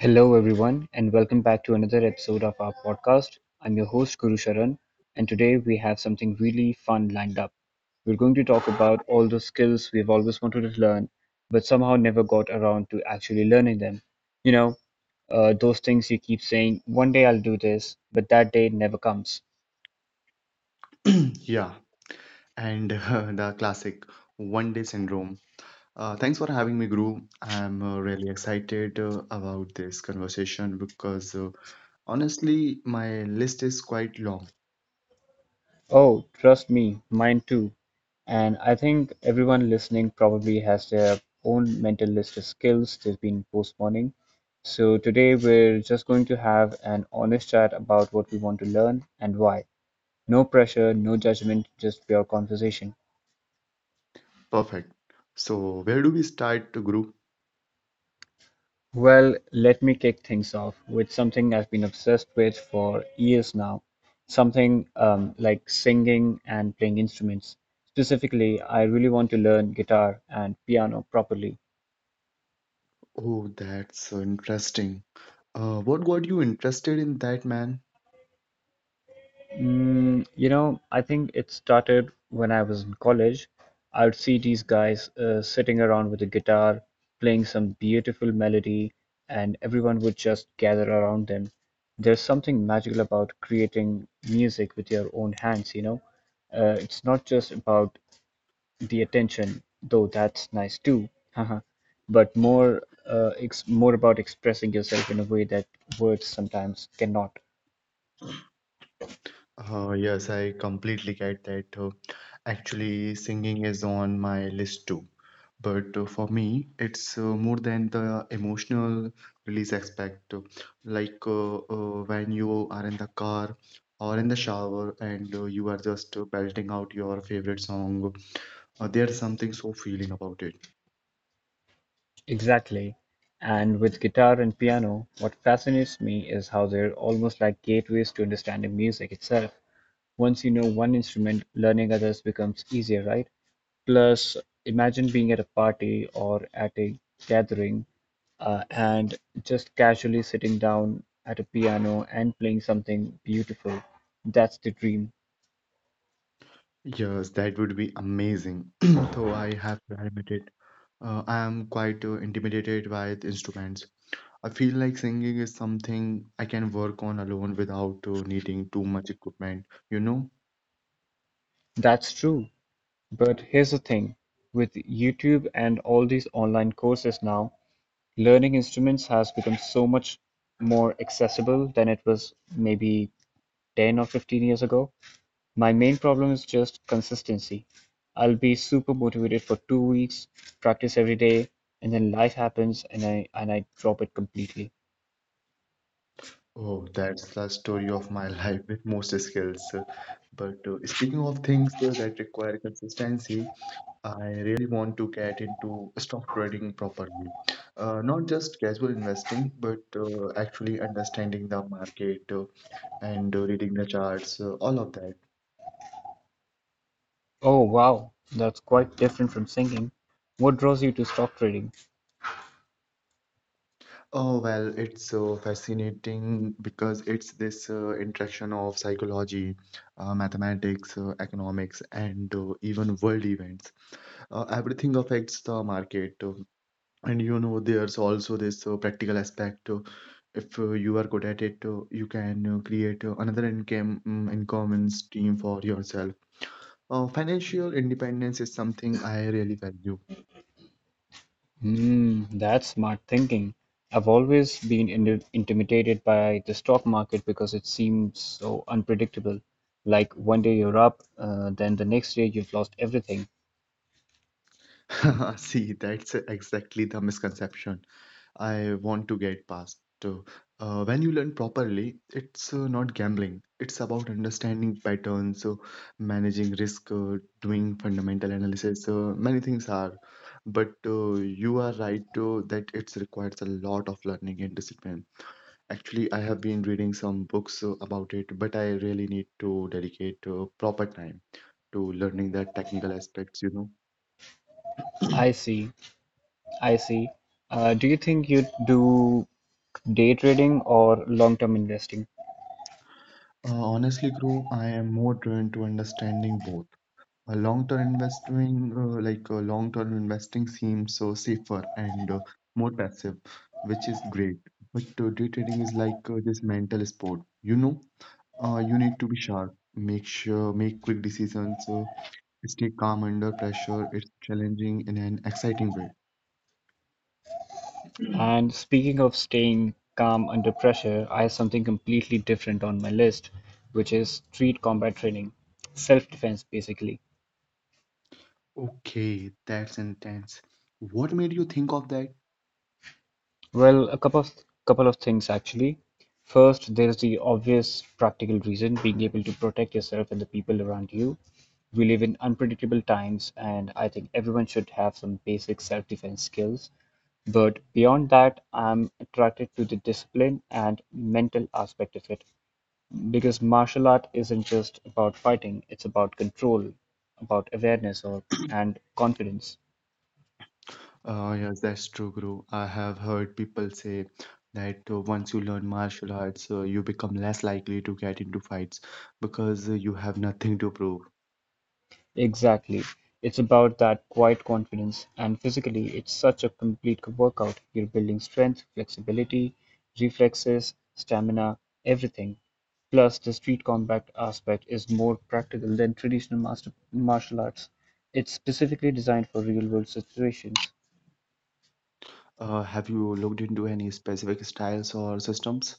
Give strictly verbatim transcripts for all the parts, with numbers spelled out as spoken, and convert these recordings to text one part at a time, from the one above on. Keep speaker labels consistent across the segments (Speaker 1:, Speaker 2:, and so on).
Speaker 1: Hello, everyone, and welcome back to another episode of our podcast. I'm your host, Guru Sharan, and today we have something really fun lined up. We're going to talk about all those skills we've always wanted to learn, but somehow never got around to actually learning them. You know, uh, those things you keep saying, one day I'll do this, but that day never comes.
Speaker 2: Yeah, and uh, the classic one day syndrome. Uh, thanks for having me, Guru. I'm uh, really excited uh, about this conversation because uh, honestly, my list is quite long.
Speaker 1: Oh, trust me, mine too. And I think everyone listening probably has their own mental list of skills they've been postponing. So today we're just going to have an honest chat about what we want to learn and why. No pressure, no judgment, just pure conversation.
Speaker 2: Perfect. So, where do we start, Guru?
Speaker 1: Well, let me kick things off with something I've been obsessed with for years now. Something um, like singing and playing instruments. Specifically, I really want to learn guitar and piano properly.
Speaker 2: Oh, that's uh, interesting. Uh, what got you interested in that, man?
Speaker 1: Mm, you know, I think it started when I was in college. I would see these guys uh, sitting around with a guitar, playing some beautiful melody, and everyone would just gather around them. There's something magical about creating music with your own hands, you know? Uh, it's not just about the attention, though that's nice too, haha, but more, uh, ex more about expressing yourself in a way that words sometimes cannot.
Speaker 2: Uh, yes, I completely get that. Uh, actually, singing is on my list too. But uh, for me, it's uh, more than the emotional release aspect. Uh, Like uh, uh, when you are in the car or in the shower and uh, you are just uh, belting out your favorite song, uh, there's something so feeling about it.
Speaker 1: Exactly. And with guitar and piano, what fascinates me is how they're almost like gateways to understanding music itself. Once you know one instrument, learning others becomes easier, right? Plus, imagine being at a party or at a gathering uh, and just casually sitting down at a piano and playing something beautiful. That's the dream.
Speaker 2: Yes, that would be amazing. Though I have to admit it, uh, I am quite uh, intimidated by the instruments. I feel like singing is something I can work on alone without uh, needing too much equipment, you know?
Speaker 1: That's true. But here's the thing, with YouTube and all these online courses now, learning instruments has become so much more accessible than it was maybe ten or fifteen years ago. My main problem is just consistency. I'll be super motivated for two weeks, practice every day, and then life happens and I and I drop it completely.
Speaker 2: Oh, that's the story of my life with most skills. Uh, But uh, speaking of things uh, that require consistency, I really want to get into stock trading properly. Uh, not just casual investing, but uh, actually understanding the market uh, and uh, reading the charts, uh, all of that.
Speaker 1: Oh wow, that's quite different from singing. What draws you to stock trading?
Speaker 2: Oh, well, it's so fascinating because it's this uh, interaction of psychology, uh, mathematics, uh, economics, and uh, even world events. Uh, everything affects the market. Uh, and you know, there's also this uh, practical aspect. uh, if uh, you are good at it, uh, you can uh, create uh, another income, mm, income stream for yourself. Uh, financial independence is something I really value.
Speaker 1: Hmm, that's smart thinking. I've always been in intimidated by the stock market because it seems so unpredictable. Like one day you're up, uh, then the next day you've lost everything.
Speaker 2: See, that's exactly the misconception I want to get past. So, Uh, when you learn properly, it's uh, not gambling. It's about understanding patterns, uh, managing risk, uh, doing fundamental analysis. Uh, many things are, but uh, you are right uh, that it requires a lot of learning and discipline. Actually, I have been reading some books uh, about it, but I really need to dedicate uh, proper time to learning the technical aspects, you know.
Speaker 1: I see, I see. Uh, do you think you'd do day trading or long-term investing?
Speaker 2: Uh, honestly, Guru, I am more drawn to understanding both a long-term investing, uh, like uh, long-term investing, seems so safer and uh, more passive, which is great. But uh, day trading is like uh, this mental sport. You know, uh, you need to be sharp, make sure, make quick decisions, uh, stay calm under pressure. It's challenging in an exciting way.
Speaker 1: And speaking of staying calm under pressure, I have something completely different on my list, which is street combat training, self-defense basically.
Speaker 2: Okay, that's intense. What made you think of that?
Speaker 1: Well, a couple of couple of things actually. First, there's the obvious practical reason, being able to protect yourself and the people around you. We live in unpredictable times, and I think everyone should have some basic self-defense skills. But beyond that, I'm attracted to the discipline and mental aspect of it because martial art isn't just about fighting, it's about control, about awareness or and confidence.
Speaker 2: Uh, yes, that's true, Guru. I have heard people say that uh, once you learn martial arts, uh, you become less likely to get into fights because uh, you have nothing to prove.
Speaker 1: Exactly. It's about that quiet confidence, and physically, it's such a complete workout. You're building strength, flexibility, reflexes, stamina, everything. Plus, the street combat aspect is more practical than traditional master martial arts. It's specifically designed for real-world situations.
Speaker 2: Uh, have you looked into any specific styles or systems?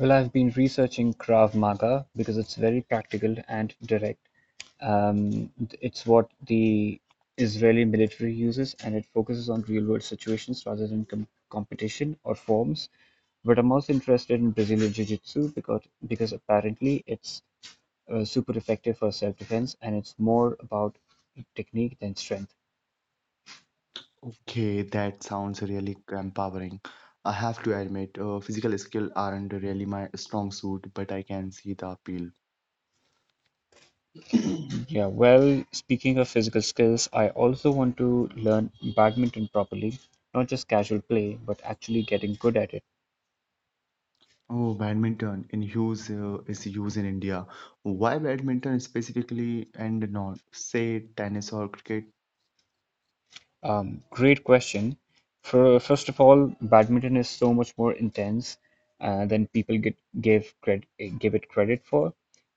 Speaker 1: Well, I've been researching Krav Maga because it's very practical and direct. Um, it's what the Israeli military uses, and it focuses on real-world situations rather than com competition or forms. But I'm also interested in Brazilian Jiu-Jitsu because because apparently it's uh, super effective for self-defense, and it's more about technique than strength.
Speaker 2: Okay, that sounds really empowering. I have to admit, uh, physical skill aren't really my strong suit, but I can see the appeal.
Speaker 1: Yeah, well, speaking of physical skills, I also want to learn badminton properly, not just casual play, but actually getting good at it.
Speaker 2: Oh, badminton in use uh, is used in India. Why badminton specifically and not say tennis or cricket?
Speaker 1: Um, great question. For, first of all, badminton is so much more intense uh, than people get give credit give it credit for.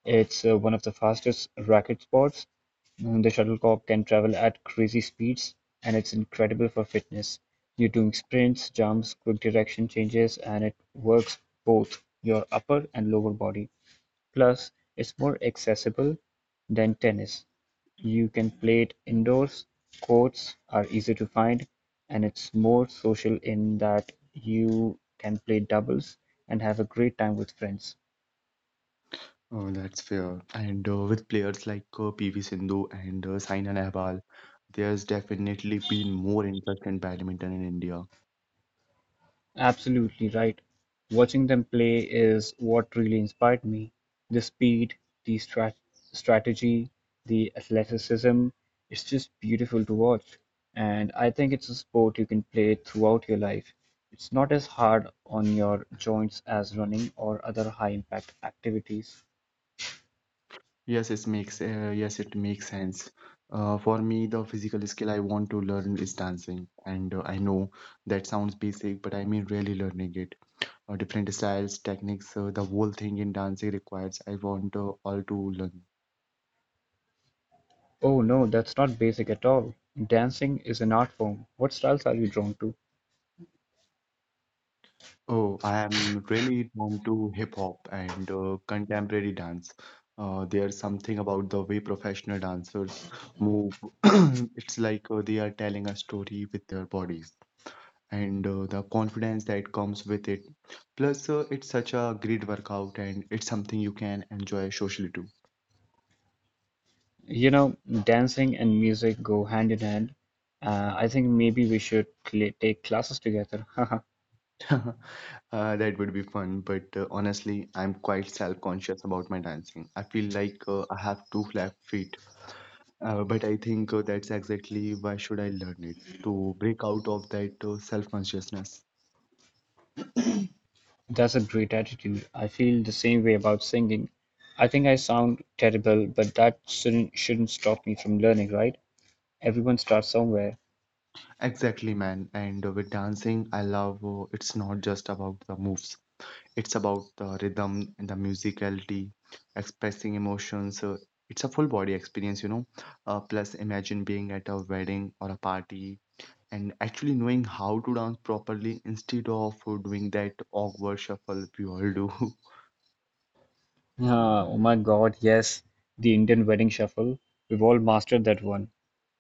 Speaker 1: It's uh, one of the fastest racket sports. Mm, The shuttlecock can travel at crazy speeds, and it's incredible for fitness. You're doing sprints, jumps, quick direction changes, and it works both your upper and lower body. Plus, it's more accessible than tennis. You can play it indoors, courts are easy to find, and it's more social in that you can play doubles and have a great time with friends.
Speaker 2: Oh, that's fair. And uh, with players like uh, P V Sindhu and uh, Saina Nehwal, there's definitely been more interest in badminton in India.
Speaker 1: Absolutely right. Watching them play is what really inspired me. The speed, the strat- strategy, the athleticism, it's just beautiful to watch. And I think it's a sport you can play throughout your life. It's not as hard on your joints as running or other high impact activities.
Speaker 2: Yes, it makes uh, yes, it makes sense. Uh, for me, the physical skill I want to learn is dancing, and uh, I know that sounds basic, but I mean really learning it. Uh, different styles, techniques. So the whole thing in dancing requires. I want uh, all to learn.
Speaker 1: Oh no, that's not basic at all. Dancing is an art form. What styles are you drawn to?
Speaker 2: Oh, I am really drawn to hip hop and uh, contemporary dance. Uh, there's something about the way professional dancers move. It's like uh, they are telling a story with their bodies and uh, the confidence that comes with it. Plus, uh, it's such a great workout and it's something you can enjoy socially too.
Speaker 1: You know, dancing and music go hand in hand. Uh, I think maybe we should cl take classes together.
Speaker 2: Uh, that would be fun, but uh, honestly, I'm quite self-conscious about my dancing. I feel like uh, I have two flat feet, uh, but I think uh, that's exactly why should I learn it to break out of that uh, self-consciousness.
Speaker 1: That's a great attitude. I feel the same way about singing. I think I sound terrible, but that shouldn't shouldn't stop me from learning, right? Everyone starts somewhere.
Speaker 2: Exactly, man. And uh, with dancing, I love uh, it's not just about the moves. It's about the rhythm and the musicality, expressing emotions. Uh, it's a full body experience, you know. Uh, plus, imagine being at a wedding or a party and actually knowing how to dance properly instead of doing that awkward shuffle we all do.
Speaker 1: Ah, oh my God, yes, the Indian wedding shuffle. We've all mastered that one.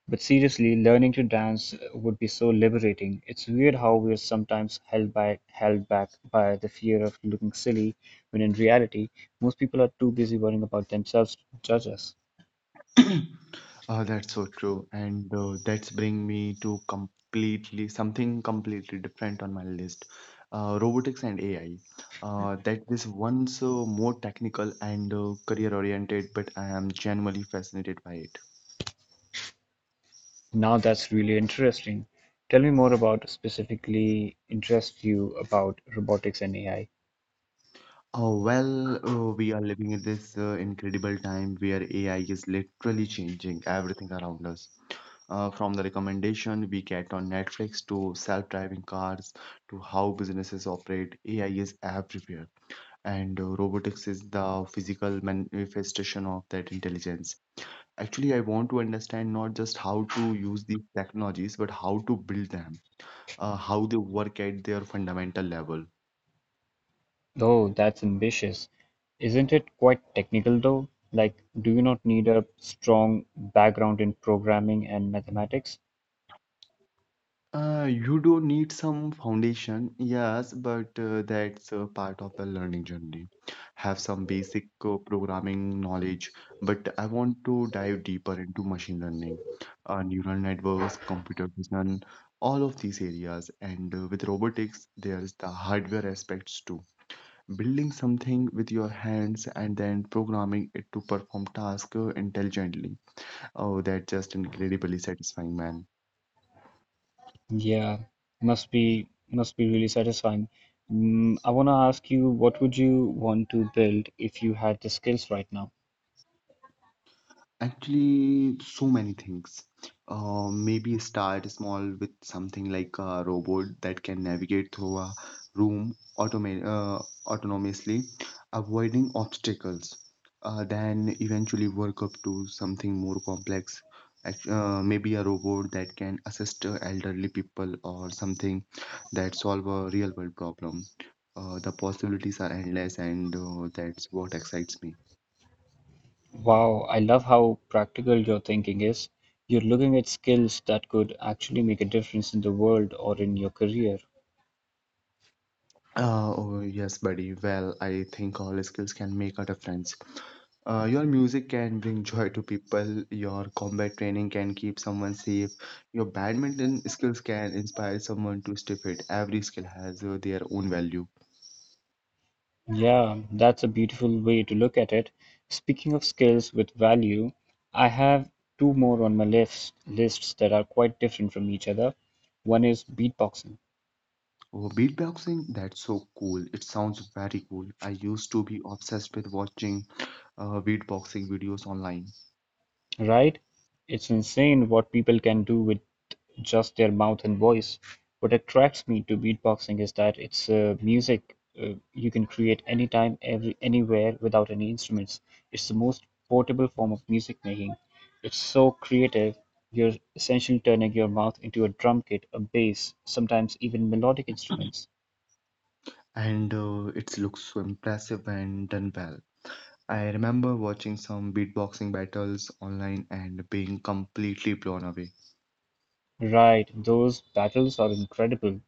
Speaker 1: But seriously, learning to dance uh, would be so liberating. It's weird how we're sometimes held by held back by the fear of looking silly, when in reality, most people are too busy worrying about themselves to judge us.
Speaker 2: Uh, that's so true, and uh, that's bring me to completely something completely different on my list, uh, robotics and A I. Uh, that is once uh, more technical and uh, career oriented, but I am genuinely fascinated by it.
Speaker 1: Now that's really interesting. Tell me more about specifically interests you about robotics and A I.
Speaker 2: Oh, well, uh, we are living in this uh, incredible time where A I is literally changing everything around us. Uh, from the recommendation we get on Netflix to self-driving cars to how businesses operate, A I is everywhere, and uh, robotics is the physical manifestation of that intelligence. Actually, I want to understand not just how to use these technologies, but how to build them, uh, how they work at their fundamental level.
Speaker 1: Oh, that's ambitious. Isn't it quite technical though? Like, do you not need a strong background in programming and mathematics?
Speaker 2: Uh, you do need some foundation, yes, but uh, that's uh, part of the learning journey. Have some basic uh, programming knowledge, but I want to dive deeper into machine learning, uh, neural networks, computer vision, all of these areas. And uh, with robotics, there's the hardware aspects too. Building something with your hands and then programming it to perform tasks uh, intelligently. Oh, that's just incredibly satisfying, man.
Speaker 1: Yeah, must be must be really satisfying. Mm, I want to ask you, what would you want to build if you had the skills right now?
Speaker 2: Actually, so many things. Uh, maybe start small with something like a robot that can navigate through a room automa- uh, autonomously, avoiding obstacles. Uh, then eventually work up to something more complex. Act- Uh, maybe a robot that can assist uh, elderly people or something that solve a real world problem. Uh, the possibilities are endless, and uh, that's what excites me.
Speaker 1: Wow, I love how practical your thinking is. You're looking at skills that could actually make a difference in the world or in your career.
Speaker 2: Uh, oh, yes, buddy. Well, I think all skills can make a difference. Uh, your music can bring joy to people, your combat training can keep someone safe, your badminton skills can inspire someone to stay fit. Every skill has uh, their own value.
Speaker 1: Yeah, that's a beautiful way to look at it. Speaking of skills with value, I have two more on my lists lists that are quite different from each other. One is beatboxing.
Speaker 2: Oh, beatboxing, that's so cool. It sounds very cool. I used to be obsessed with watching uh, beatboxing videos online,
Speaker 1: Right? It's insane what people can do with just their mouth and voice. What attracts me to beatboxing is that it's uh, music uh, you can create anytime, every, anywhere without any instruments. It's the most portable form of music making. It's so creative. You're essentially turning your mouth into a drum kit, a bass, sometimes even melodic instruments.
Speaker 2: and uh, it looks so impressive and done well. I remember watching some beatboxing battles online and being completely blown away.
Speaker 1: Right, those battles are incredible.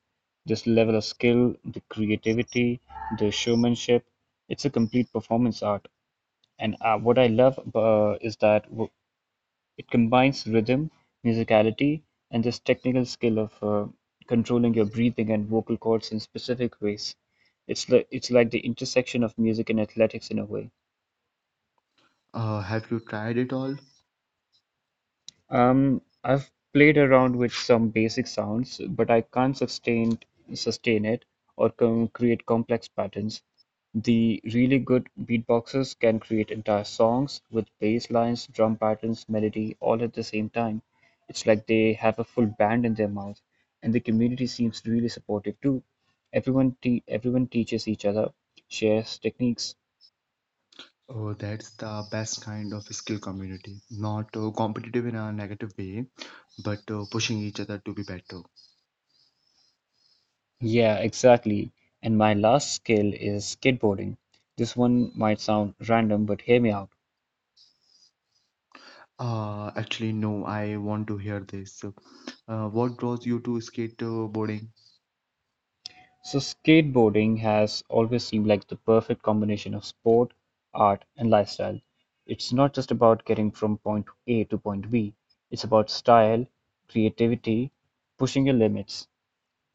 Speaker 1: This level of skill, the creativity, the showmanship, it's a complete performance art. And uh, what I love uh, is that w it combines rhythm, musicality, and this technical skill of uh, controlling your breathing and vocal cords in specific ways. It's like it's like the intersection of music and athletics in a way.
Speaker 2: Uh, have you tried it all?
Speaker 1: Um, I've played around with some basic sounds, but I can't sustain sustain it or com create complex patterns. The really good beatboxers can create entire songs with bass lines, drum patterns, melody, all at the same time. It's like they have a full band in their mouth, and the community seems really supportive too. Everyone te everyone teaches each other, shares techniques.
Speaker 2: Oh, that's the best kind of skill community. Not uh, competitive in a negative way, but uh, pushing each other to be better.
Speaker 1: Yeah, exactly. And my last skill is skateboarding. This one might sound random, but hear me out.
Speaker 2: Uh, actually, no, I want to hear this. Uh, what draws you to skateboarding?
Speaker 1: So, skateboarding has always seemed like the perfect combination of sport, art, and lifestyle. It's not just about getting from point A to point B, it's about style, creativity, pushing your limits.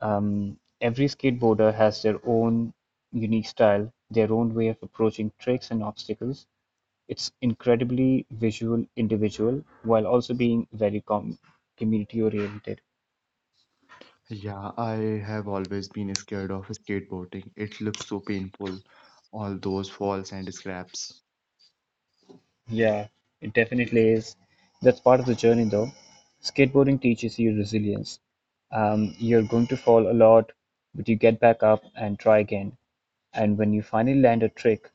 Speaker 1: Um, every skateboarder has their own unique style, their own way of approaching tricks and obstacles. It's incredibly visual individual while also being very com community oriented.
Speaker 2: Yeah, I have always been scared of skateboarding. It looks so painful, all those falls and scraps.
Speaker 1: Yeah, it definitely is. That's part of the journey though. Skateboarding teaches you resilience. Um, you're going to fall a lot, but you get back up and try again. And when you finally land a trick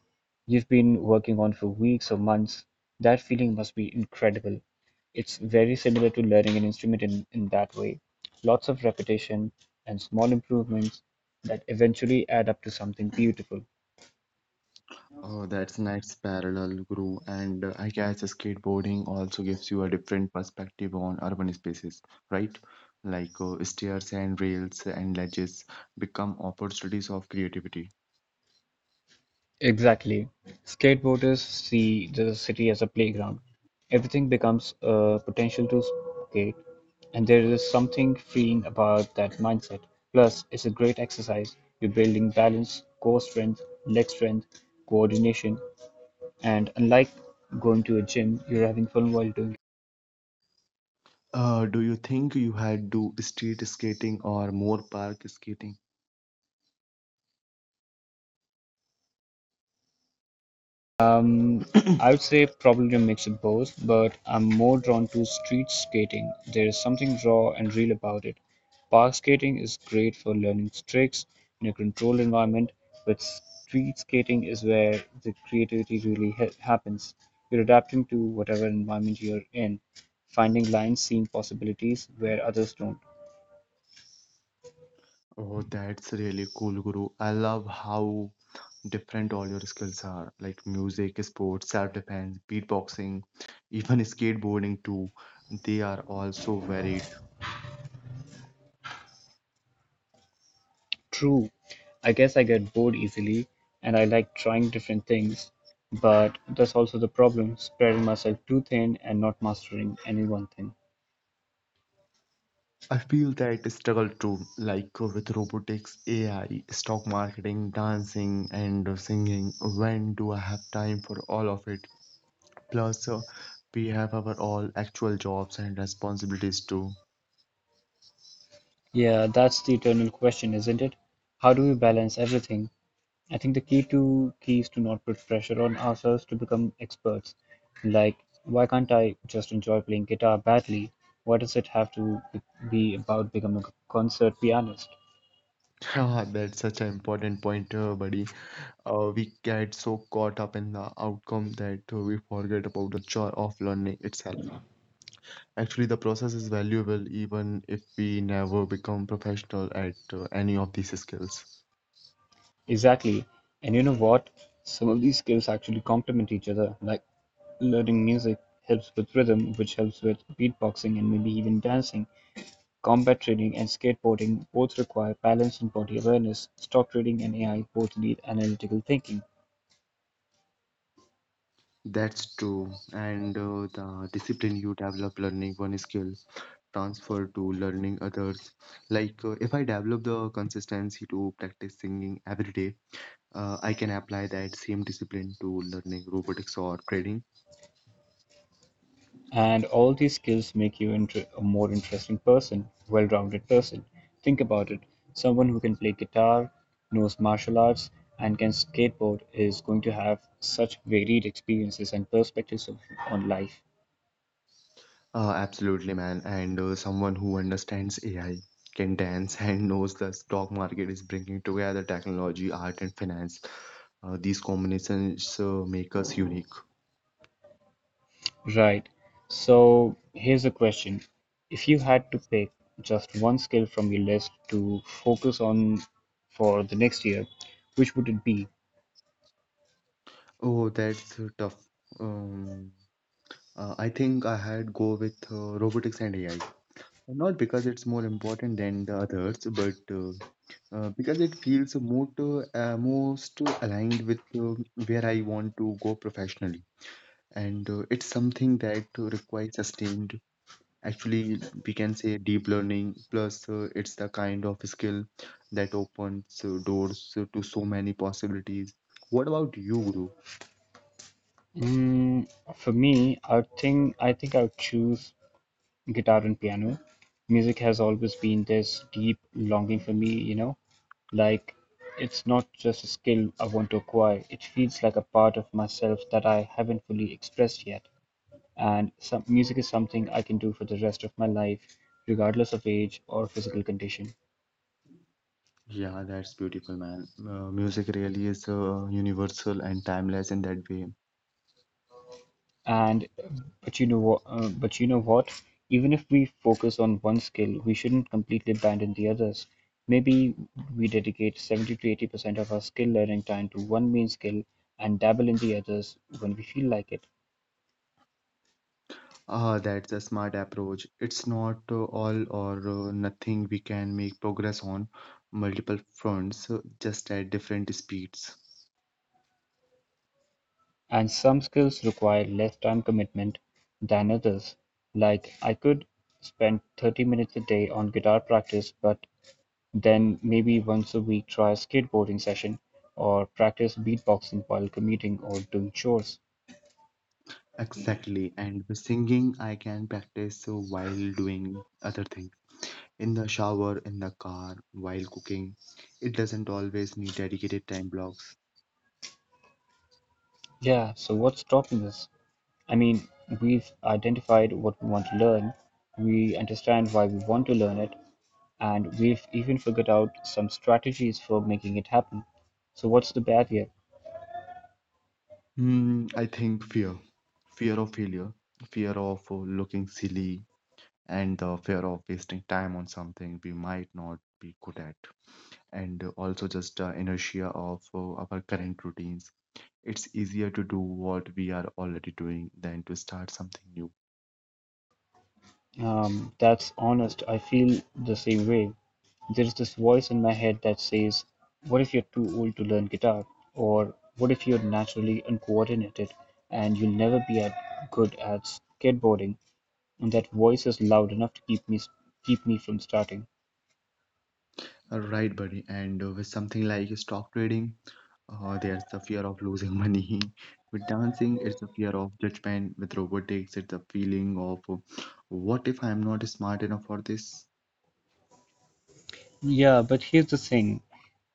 Speaker 1: you've been working on for weeks or months, that feeling must be incredible. It's very similar to learning an instrument in, in that way. Lots of repetition and small improvements that eventually add up to something beautiful.
Speaker 2: Oh, that's nice parallel, Guru. And uh, I guess skateboarding also gives you a different perspective on urban spaces, right? Like uh, stairs and rails and ledges become opportunities of creativity.
Speaker 1: Exactly. Skateboarders see the city as a playground. Everything becomes a potential to skate, and there is something freeing about that mindset. Plus, it's a great exercise. You're building balance, core strength, leg strength, coordination, and unlike going to a gym, you're having fun while doing it.
Speaker 2: Uh, do you think you had do street skating or more park skating?
Speaker 1: Um, I would say probably a mix of both, but I'm more drawn to street skating. There is something raw and real about it. Park skating is great for learning tricks in a controlled environment, but street skating is where the creativity really ha happens. You're adapting to whatever environment you're in, finding lines, seeing possibilities where others don't.
Speaker 2: Oh, that's really cool, Guru. I love how different all your skills are, like music, sports, self-defense, beatboxing, even skateboarding too. They are also very
Speaker 1: True, I guess I get bored easily and I like trying different things, but that's also the problem, spreading myself too thin and not mastering any one thing.
Speaker 2: I feel that struggle too, like with robotics, A I, stock marketing, dancing, and singing. When do I have time for all of it? Plus, uh, we have our all actual jobs and responsibilities too.
Speaker 1: Yeah, that's the eternal question, isn't it? How do we balance everything? I think the key to key is to not put pressure on ourselves to become experts. Like, why can't I just enjoy playing guitar badly? Why does it have to be about becoming a concert pianist?
Speaker 2: Ah, that's such an important point, uh, buddy. Uh, we get so caught up in the outcome that uh, we forget about the joy of learning itself. Actually, the process is valuable even if we never become professional at uh, any of these skills.
Speaker 1: Exactly. And you know what? Some of these skills actually complement each other. Like learning music helps with rhythm, which helps with beatboxing and maybe even dancing. Combat training and skateboarding both require balance and body awareness. Stock trading and A I both need analytical thinking.
Speaker 2: That's true. And uh, the discipline you develop learning one skill transfer to learning others. Like uh, if I develop the consistency to practice singing every day, uh, I can apply that same discipline to learning robotics or trading.
Speaker 1: And all these skills make you into a more interesting person, well rounded person. Think about it, someone who can play guitar, knows martial arts, and can skateboard is going to have such varied experiences and perspectives of, on life.
Speaker 2: Uh, absolutely, man. And uh, someone who understands A I can dance and knows the stock market is bringing together technology, art, and finance. Uh, these combinations uh, make us unique.
Speaker 1: Right. So here's a question. If you had to pick just one skill from your list to focus on for the next year, which would it be?
Speaker 2: Oh, that's uh, tough. Um, Uh, I think I had go with uh, robotics and A I. Not because it's more important than the others, but uh, uh, because it feels more to, uh, most aligned with uh, where I want to go professionally. And uh, it's something that uh, requires sustained, actually, we can say deep learning. Plus, uh, it's the kind of skill that opens uh, doors to so many possibilities. What about you, Guru?
Speaker 1: Mm, for me, I think I think I would choose guitar and piano. Music has always been this deep longing for me, you know, like it's not just a skill I want to acquire, it feels like a part of myself that I haven't fully expressed yet. And some Music is something I can do for the rest of my life, regardless of age or physical condition.
Speaker 2: Yeah, that's beautiful, man. Uh, music really is uh, universal and timeless in that way.
Speaker 1: And but you know what? Uh, but you know what? Even if we focus on one skill, we shouldn't completely abandon the others. Maybe we dedicate seventy to eighty percent of our skill learning time to one main skill and dabble in the others when we feel like it.
Speaker 2: Ah, that's a smart approach. It's not uh, all or uh, nothing. We can make progress on multiple fronts, uh, just at different speeds.
Speaker 1: And some skills require less time commitment than others. Like I could spend thirty minutes a day on guitar practice, but then maybe once a week try a skateboarding session or practice beatboxing while commuting or doing chores.
Speaker 2: Exactly. And with singing, I can practice uh, while doing other things. In the shower, in the car, while cooking. It doesn't always need dedicated time blocks.
Speaker 1: Yeah, so what's stopping us? I mean, we've identified what we want to learn, we understand why we want to learn it, and we've even figured out some strategies for making it happen. So what's the barrier?
Speaker 2: Hmm, I think fear, fear of failure, fear of uh, looking silly, and the fear of wasting time on something we might not be good at, and uh, also just uh, inertia of uh, our current routines. It's easier to do what we are already doing than to start something new.
Speaker 1: Um, that's honest. I feel the same way. There's this voice in my head that says, "What if you're too old to learn guitar? Or what if you're naturally uncoordinated and you'll never be at, good at skateboarding?" And that voice is loud enough to keep me, keep me from starting.
Speaker 2: Right, buddy. And uh, with something like stock trading, uh, there's the fear of losing money. With dancing, it's the fear of judgment. With robotics, it's the feeling of uh, what if I'm not smart enough for this?
Speaker 1: Yeah, but here's the thing.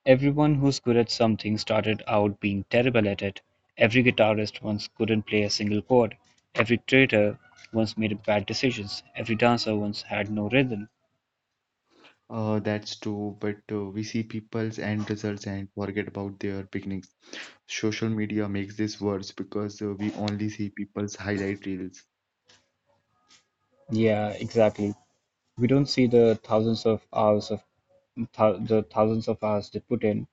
Speaker 1: Everyone who's good at something started out being terrible at it. Every guitarist once couldn't play a single chord. Every traitor once made bad decisions. Every dancer once had no rhythm.
Speaker 2: Uh, that's true, but uh, we see people's end results and forget about their beginnings. Social media makes this worse because uh, we only see people's highlight reels.
Speaker 1: Yeah, exactly. We don't see the thousands of hours of thou the thousands of hours they put in,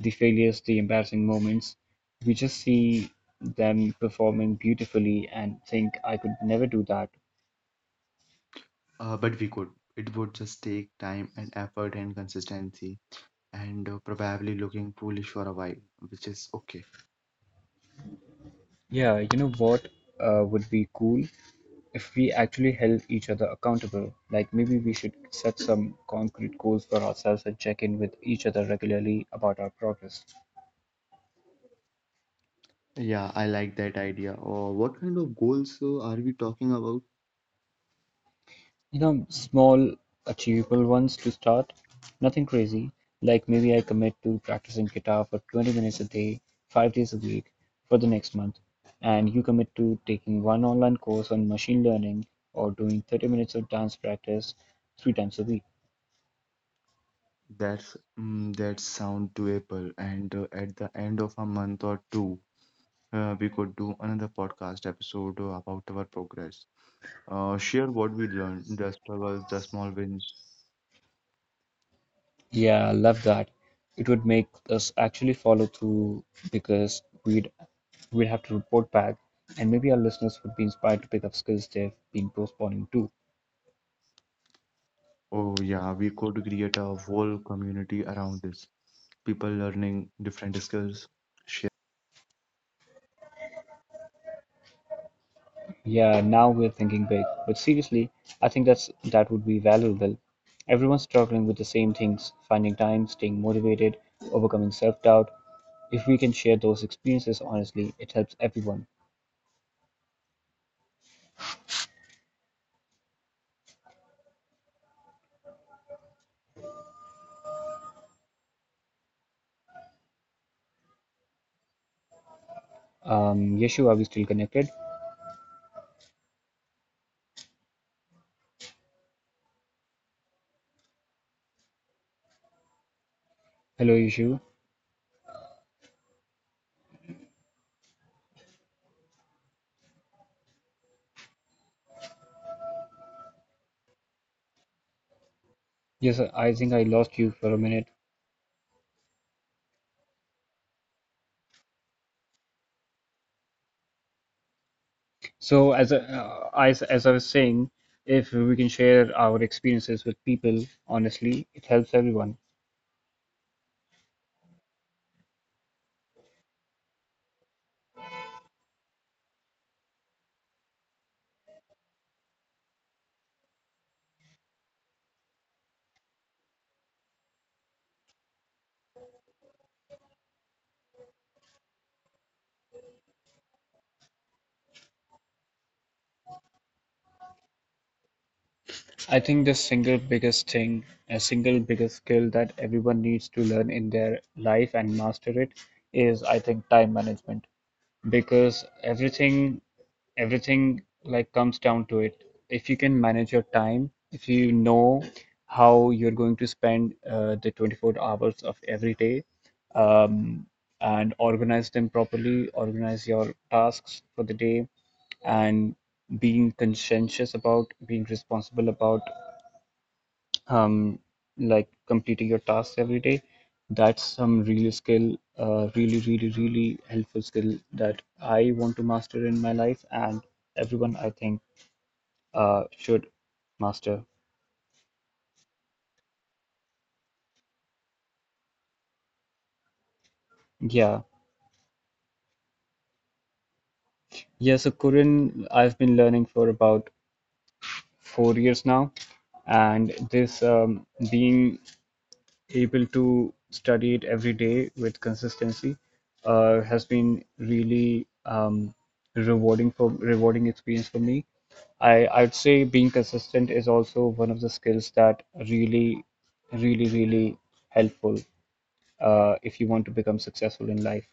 Speaker 1: the failures, the embarrassing moments. We just see them performing beautifully and think, "I could never do that."
Speaker 2: Uh, but we could. It would just take time and effort and consistency. And uh, probably looking foolish for a while, which is okay.
Speaker 1: Yeah, you know what uh, would be cool? If we actually held each other accountable, like maybe we should set some concrete goals for ourselves and check in with each other regularly about our progress.
Speaker 2: Yeah, I like that idea. Or what kind of goals uh, are we talking about?
Speaker 1: You know, small, achievable ones to start, nothing crazy. Like maybe I commit to practicing guitar for twenty minutes a day, five days a week for the next month, and you commit to taking one online course on machine learning or doing thirty minutes of dance practice three times a week.
Speaker 2: That's mm, that sound doable. And uh, at the end of a month or two, uh, we could do another podcast episode uh, about our progress. Uh, share what we learned, the struggles, the small wins.
Speaker 1: Yeah, I love that. It would make us actually follow through because we'd we'd have to report back, and maybe our listeners would be inspired to pick up skills they've been postponing too.
Speaker 2: Oh yeah, we could create a whole community around this. People learning different skills
Speaker 1: Yeah, now we're thinking big, but seriously, I think that's that would be valuable. Everyone's struggling with the same things, finding time, staying motivated, overcoming self-doubt. If we can share those experiences honestly, it helps everyone. Um, Yeshu, are we still connected? Hello, Yeshu. Yes, I think I lost you for a minute. So as a, uh, I, as I was saying, if we can share our experiences with people, honestly, it helps everyone. I think the single biggest thing, a single biggest skill that everyone needs to learn in their life and master it is, I think, time management, because everything everything like comes down to it. If you can manage your time, if you know how you're going to spend uh, the twenty-four hours of every day, um, and organize them properly, organize your tasks for the day, and being conscientious about, being responsible about um, like completing your tasks every day. That's some real skill, uh, really, really, really helpful skill that I want to master in my life, and everyone I think uh, should master. Yeah. Yeah, so Korean, I've been learning for about four years now, and this um, being able to study it every day with consistency uh, has been really um, rewarding for rewarding experience for me. I I'd say being consistent is also one of the skills that really, really, really helpful uh, if you want to become successful in life.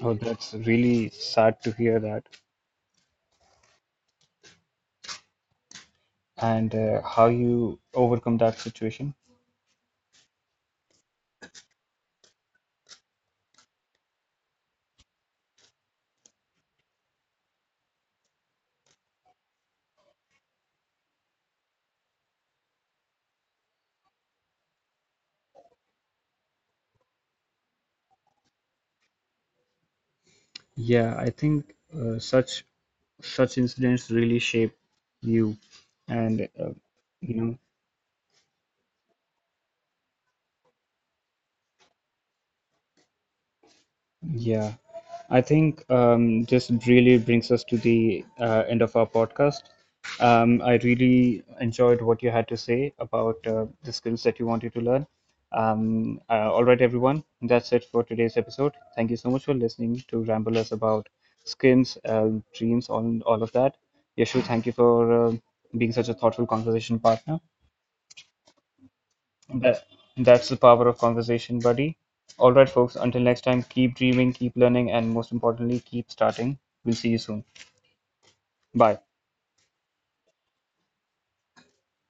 Speaker 1: Oh, that's really sad to hear that, and uh, how you overcome that situation. Yeah, I think uh, such such incidents really shape you, and uh, you know. Yeah, I think um, this really brings us to the uh, end of our podcast. Um, I really enjoyed what you had to say about uh, the skills that you wanted to learn. Um, uh, all right, everyone, that's it for today's episode. Thank you so much for listening to ramble us about skills, uh, dreams, all, all of that. Yashu, thank you for uh, being such a thoughtful conversation partner. That, that's the power of conversation, buddy. All right, folks, until next time, keep dreaming, keep learning, and most importantly, keep starting. We'll see you soon. Bye.